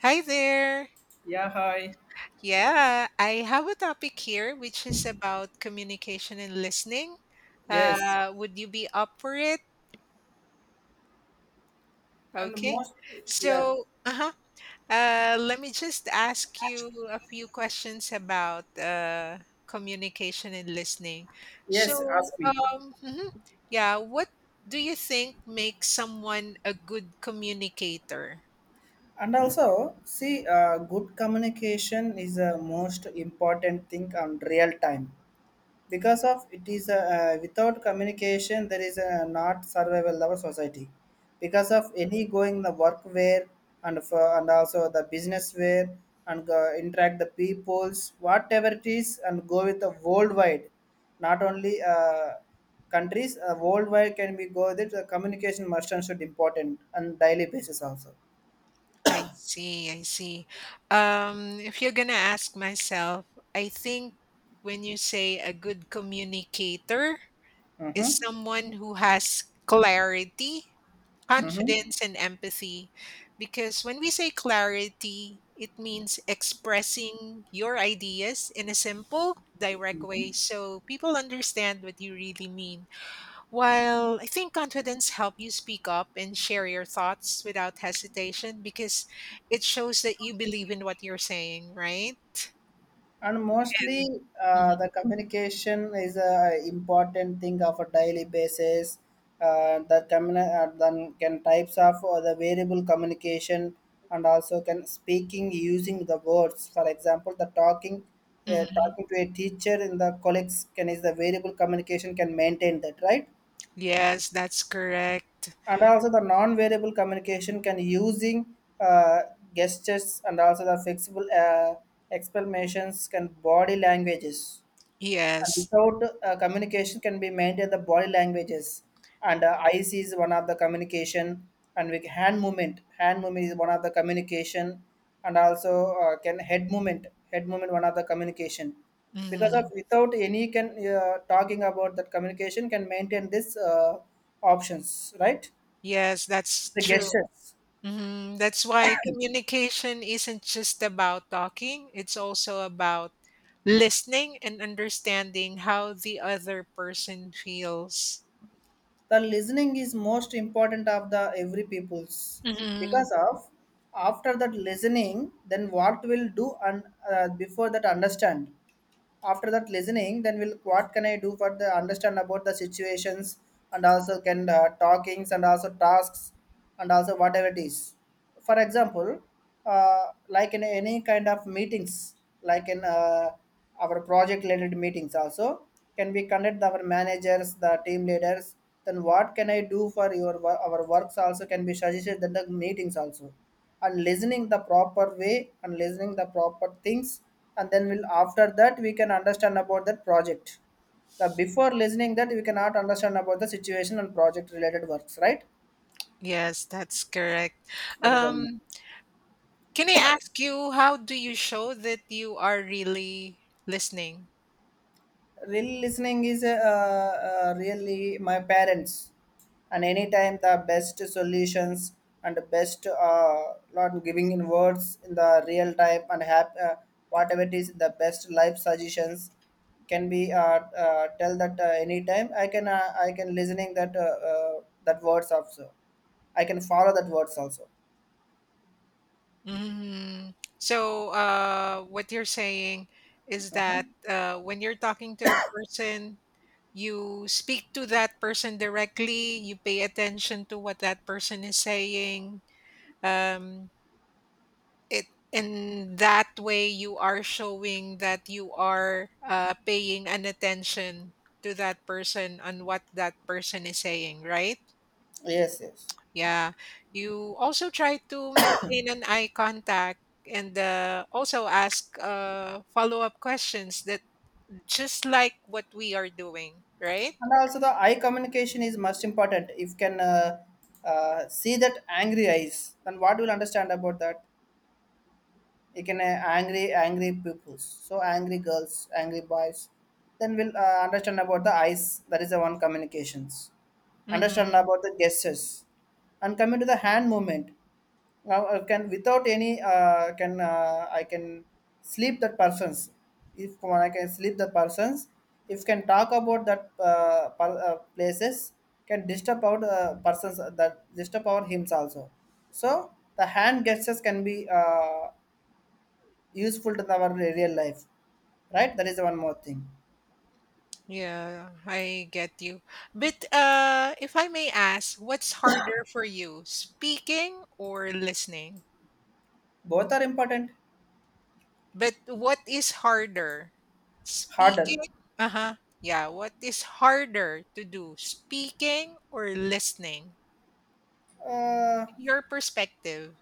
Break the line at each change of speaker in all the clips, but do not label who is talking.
Hi there.
Yeah, hi.
Yeah, I have a topic here which is about communication and listening.
Yes.
Would you be up for it?
And
Okay.
most, yes,
So, uh-huh. Let me just ask you a few questions about communication and listening.
yes,
So,
ask me.
mhm. Yeah, what do you think makes someone a good communicator?
And also, see, good communication is the most important thing on real time, because of it is a, without communication there is a not survival our society because of any going the work where, and for, and also the business where, and go, interact the peoples whatever it is and go with the worldwide, not only countries worldwide can be go with it the communication must and should important on daily basis also.
I see, I see. If you're gonna ask myself, I think when you say a good communicator is
Mm-hmm.
someone who has clarity,
Mm-hmm.
confidence, and empathy. Because when we say clarity, it means expressing your ideas in a simple, direct way so people understand what you really mean. While I think confidence helps you speak up and share your thoughts without hesitation because it shows that you believe in what you're saying, right?
And mostly the
Hmm.
communication is a important thing of a daily basis. Then can types of or the variable communication, and also can speaking using the words, for example the talking.
Hmm.
Talking to a teacher in the colleagues can is the variable communication can maintain that, right?
Yes, that's correct.
And also the non-variable communication can using uh, gestures, and also the flexible explanations can body languages. And
Yes.
without communication can be maintained the body languages, and eyes is one of the communication, and with hand movement is one of the communication. And also can head movement one of the communication, because of
Hmm.
without any can talking about that communication can maintain this options, right?
Yes, that's
The
true.
gestures.
Hmm. That's why communication isn't just about talking, it's also about listening and understanding how the other person feels.
The listening is most important of the every people's,
Hmm.
because of, after that listening then what will do, and before that understand, after that listening then we'll what can I do for the understand about the situations, and also can talkings and also tasks and also whatever it is. For example, like in any kind of meetings, like in our project related meetings also, can we conduct our managers the team leaders, then what can I do for your our works also can be suggested that the meetings also. And listening the proper way, and listening the proper things, and then we'll after that we can understand about that project. The before listening that we cannot understand about the situation and project related works, right?
Yes, that's correct.
That is all.
Um, Can I ask you how do you show that you are really listening?
Real listening is really my parents, and anytime the best solutions, and the best not giving in words in the real time, and have whatever it is the best life suggestions can be tell that anytime I can I can listening that that words also, I can follow that words also.
Mm. So, what you're saying is that when you're talking to a person, you speak to that person directly. You pay attention to what that person is saying. Um, it In that way you are showing that you are paying an attention to that person on what that person is saying, right?
Yes, yes.
Yeah. You also try to maintain an eye contact and also ask follow up questions that just like what we are doing, right?
And also the eye communication is most important. If you can see that angry eyes, then what will understand about that? You can angry, angry pupils, so angry girls angry boys, then we'll understand about the eyes, that is the one communications. Understand
Mm-hmm.
about the gestures. And coming to the hand movement, now I can without any can I can sleep that persons, if when I can sleep the persons, if can talk about that places, can disturb out persons, that disturb our hymns also. So the hand gestures can be useful to our real life, right? That is one more thing.
Yeah, I get you. But if I may ask, what's harder for you, speaking or listening?
Both are important.
But what is harder?
Harder.
Speaking? Uh huh. Yeah, what is harder to do, speaking or listening?
uh,
Your perspective.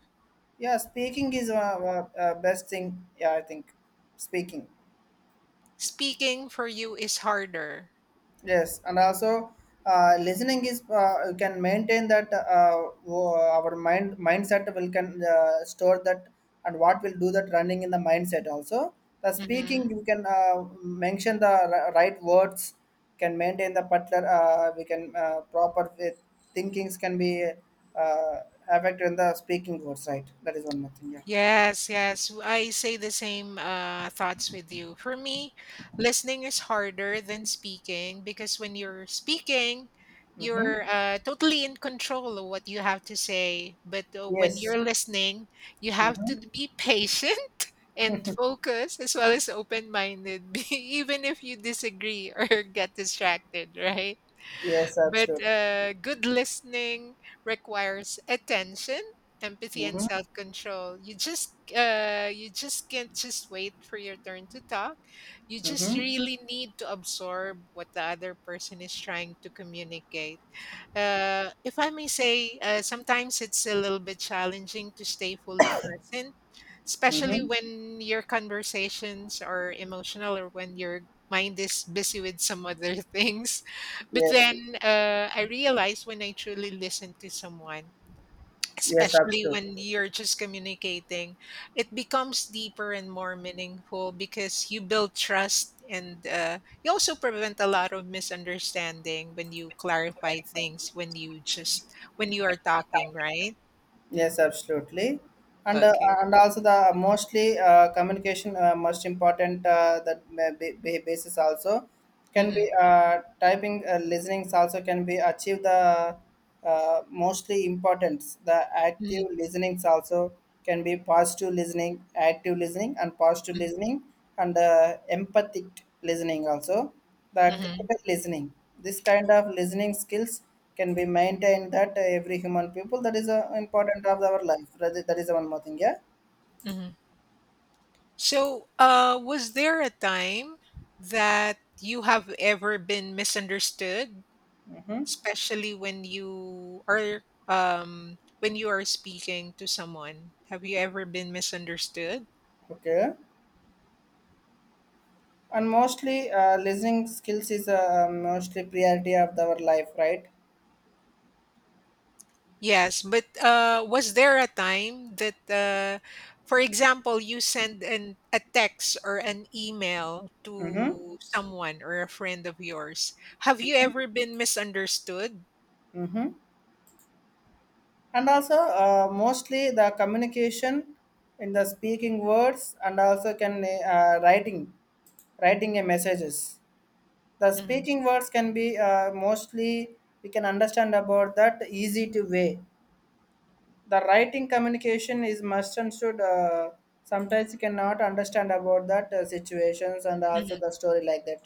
yeah, speaking is best thing. Yeah, I think speaking.
Speaking for you is harder.
Yes, and also listening is you can maintain that our mind mindset will can store that, and what will do that running in the mindset also. The speaking
Mhm.
you can mention the right words, can maintain the particular we can proper with thinkings can be uh, affected in the speaking words, right? That is one more thing. Yeah.
Yes, yes. W I say the same, thoughts with you. For me, listening is harder than speaking because when you're speaking,
Mm-hmm.
you're, totally in control of what you have to say, but, when
Yes.
you're listening, you have to
Mm-hmm.
be patient and focus as well as open-minded, even if you disagree or get distracted, right?
Yes,
But
absolutely.
good listening requires attention, empathy, and
Mm-hmm.
self control. You just can't just wait for your turn to talk. You just
Mm-hmm.
really need to absorb what the other person is trying to communicate. If I may say, sometimes it's a little bit challenging to stay fully present, especially
Mm-hmm.
when your conversations are emotional or when your mind is busy with some other things. But
Yes.
then I realize when I truly listen to someone,
Yes,
especially when
absolutely.
you're just communicating, it becomes deeper and more meaningful because you build trust and you also prevent a lot of misunderstanding when you clarify things when you just when you are talking, right?
Yes, absolutely. And uh,
Okay.
and also the mostly communication most important that may be basis also, can
Hmm.
be typing listenings also can be achieve the mostly importance the active
Hmm.
listenings also, can be positive listening, active listening and positive
Hmm.
listening, and empathic listening also, the critical listening. This kind of listening skills can be maintained that every human people, that is important of our life. That is, that is one more thing. Yeah.
Hmm. So, was there a time that you have ever been misunderstood, especially when you are speaking to someone, have you ever been misunderstood?
Okay. And mostly listening skills is mostly priority of our life, right?
Yes, but was there a time that for example you send an a text or an email
Mm-hmm.
to someone or a friend of yours, have you ever been misunderstood?
Mm-hmm. And also mostly the communication, in the speaking words, and also can writing, writing a messages. The
Mhm,
speaking words can be mostly we can understand about that easy to way. The writing communication is must and should sometimes you cannot understand about that situations and
mhm.
also the story like that.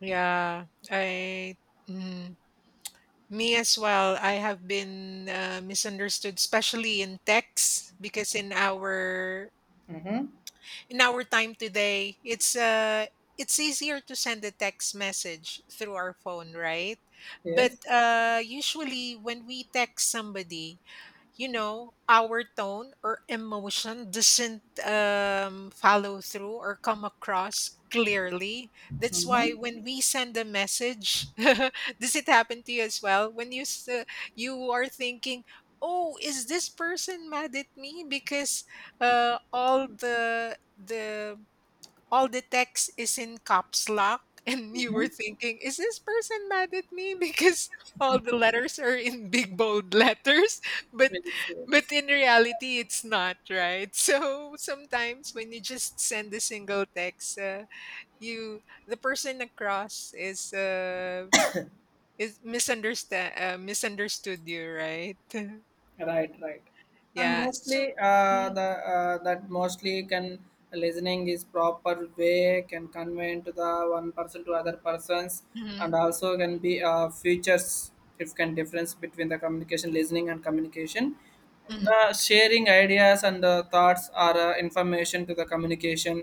yeah I mm. Me as well. I have been misunderstood, especially in texts, because in our
Mm-hmm.
in our time today, it's easier to send a text message through our phone, right? But
Yes.
usually, when we text somebody, you know, our tone or emotion doesn't follow through or come across clearly. That's why
Mm-hmm.
when we send a message, does it happen to you as well? You are thinking, "Oh, is this person mad at me?" Because uh, all the the all the text is in caps lock and you were thinking, is this person mad at me because all the letters are in big bold letters, but
Yes.
but
Serious.
in reality it's not, right? So sometimes when you just send a single text, you the person across is misunderstand misunderstood you, right?
Right, right. And
Yeah,
mostly
so Mhm,
the that mostly can listening is proper way can convey to the one person to other persons, and
mhm,
also can be features. If can difference between the communication, listening and communication,
mhm.
the sharing ideas and the thoughts are information to the communication,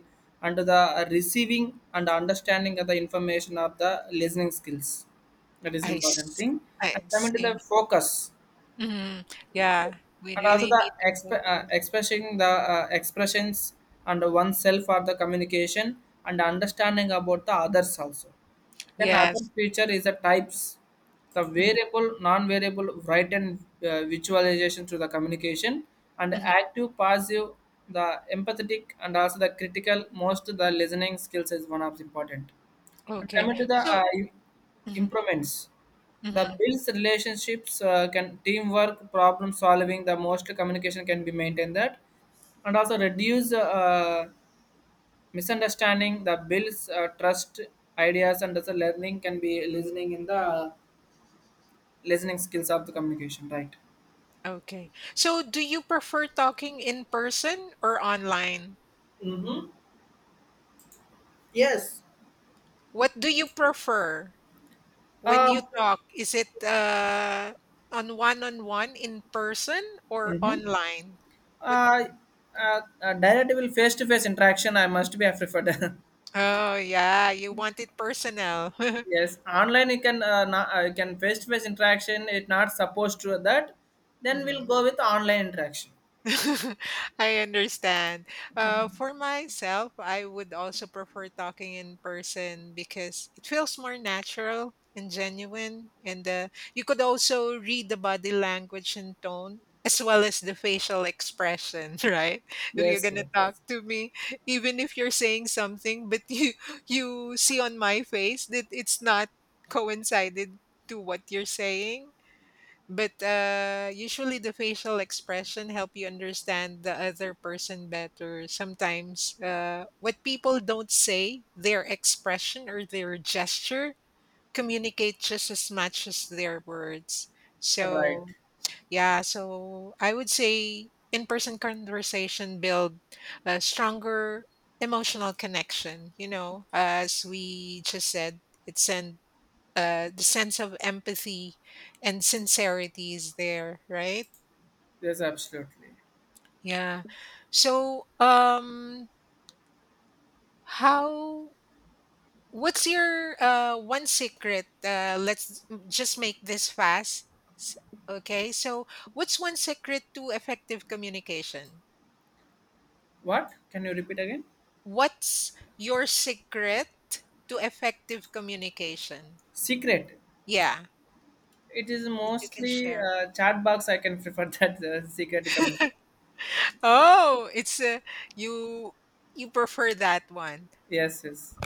and to the receiving and understanding of the information of the listening skills, that is
I,
important
s-
thing.
I
And coming to the
see.
focus.
Mhm. Yeah, we
And also
really
the
need to focus.
expressing the expressions and oneself or the communication, and understanding about the others also. Then other
Yes.
feature is the types, the
Mm,
variable, non-variable, write and visualization through the communication, and
mhm.
active passive, the empathetic and also the critical, most the listening skills is one of the important. And
Okay.
coming to the
So mhm,
improvements, the
mhm.
builds relationships, can teamwork, problem solving, the most communication can be maintained that, and also reduce misunderstanding, the builds trust, ideas, and also learning can be listening in the listening skills of the communication, right?
Okay. So do you prefer talking in person or online?
Mm-hmm. Yes.
What do you prefer when
Uh,
you talk? Is it on one-on-one in person or
mm-hmm.
online? What?
uh, Direct will face to face interaction I must be I preferred.
Oh, yeah, you want it personal.
Yes, online you can you can face to face interaction, it's not supposed to that. Then we'll
Mhm.
go with online interaction.
I understand. For myself, I would also prefer talking in person because it feels more natural and genuine. And you could also read the body language and tone as well as the facial expression, right? If you're
Yes,
gonna
yes,
talk to me, even if you're saying something, but you see on my face that it's not coincided to what you're saying, but usually the facial expression help you understand the other person better. Sometimes what people don't say, their expression or their gesture communicate just as much as their words. So
right.
yeah, so I would say in-person conversation build a stronger emotional connection, you know, as we just said, it's an the sense of empathy and sincerity is there, right?
Yes, absolutely.
Yeah. So, how? What's your one secret? Let's just make this fast. S- Okay. So, what's one secret to effective communication?
What? Can you repeat again?
What's your secret to effective communication?
Secret.
Yeah,
It is
if you can
mostly
share.
chat box, I can prefer that secret. Com-
Oh, it's you. You prefer that one.
yes, yes.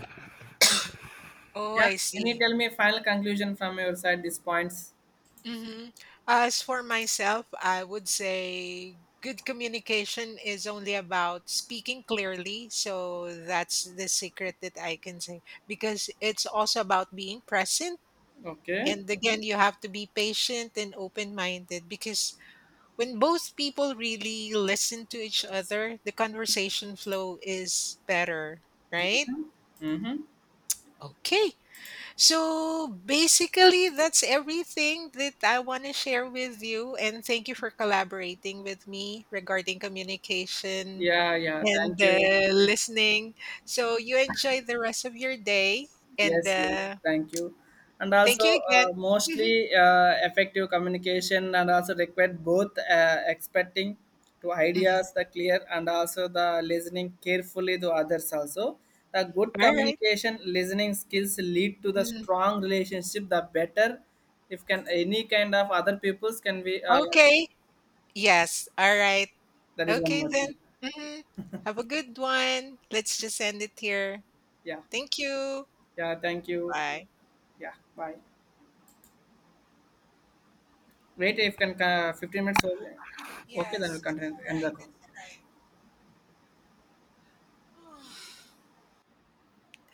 Oh,
Yeah.
I
Can you
see.
tell me final conclusion from your side? These points.
Hmm. As for myself, I would say good communication is only about speaking clearly. So that's the secret that I can say because it's also about being present.
Okay.
And again, you have to be patient and open minded because when both people really listen to each other, the conversation flow is better, right?
Mm-hmm.
Okay. So basically, that's everything that I want to share with you. And thank you for collaborating with me regarding communication
Yeah, yeah.
and
Thank you.
listening. So you enjoy the rest of your day. And
Yes, yes, thank you. And also,
thank you again. Mhm.
mostly effective communication and also require both expecting to
Mhm.
ideas the clear, and also the listening carefully to others also. The good
All right.
communication listening skills lead to the
Mhm.
strong relationship. The better, if can any kind of other peoples can be.
Okay. Yes. All right.
That is one
Okay,
more thing.
then. Mhm. Have a good one. Let's just end it here.
Yeah,
Thank you.
yeah, thank you.
Bye.
Yeah, bye. Wait, if can 15 minutes over. Okay, then we'll
Yes. It's
continue
all
end the
right.
call.
All right.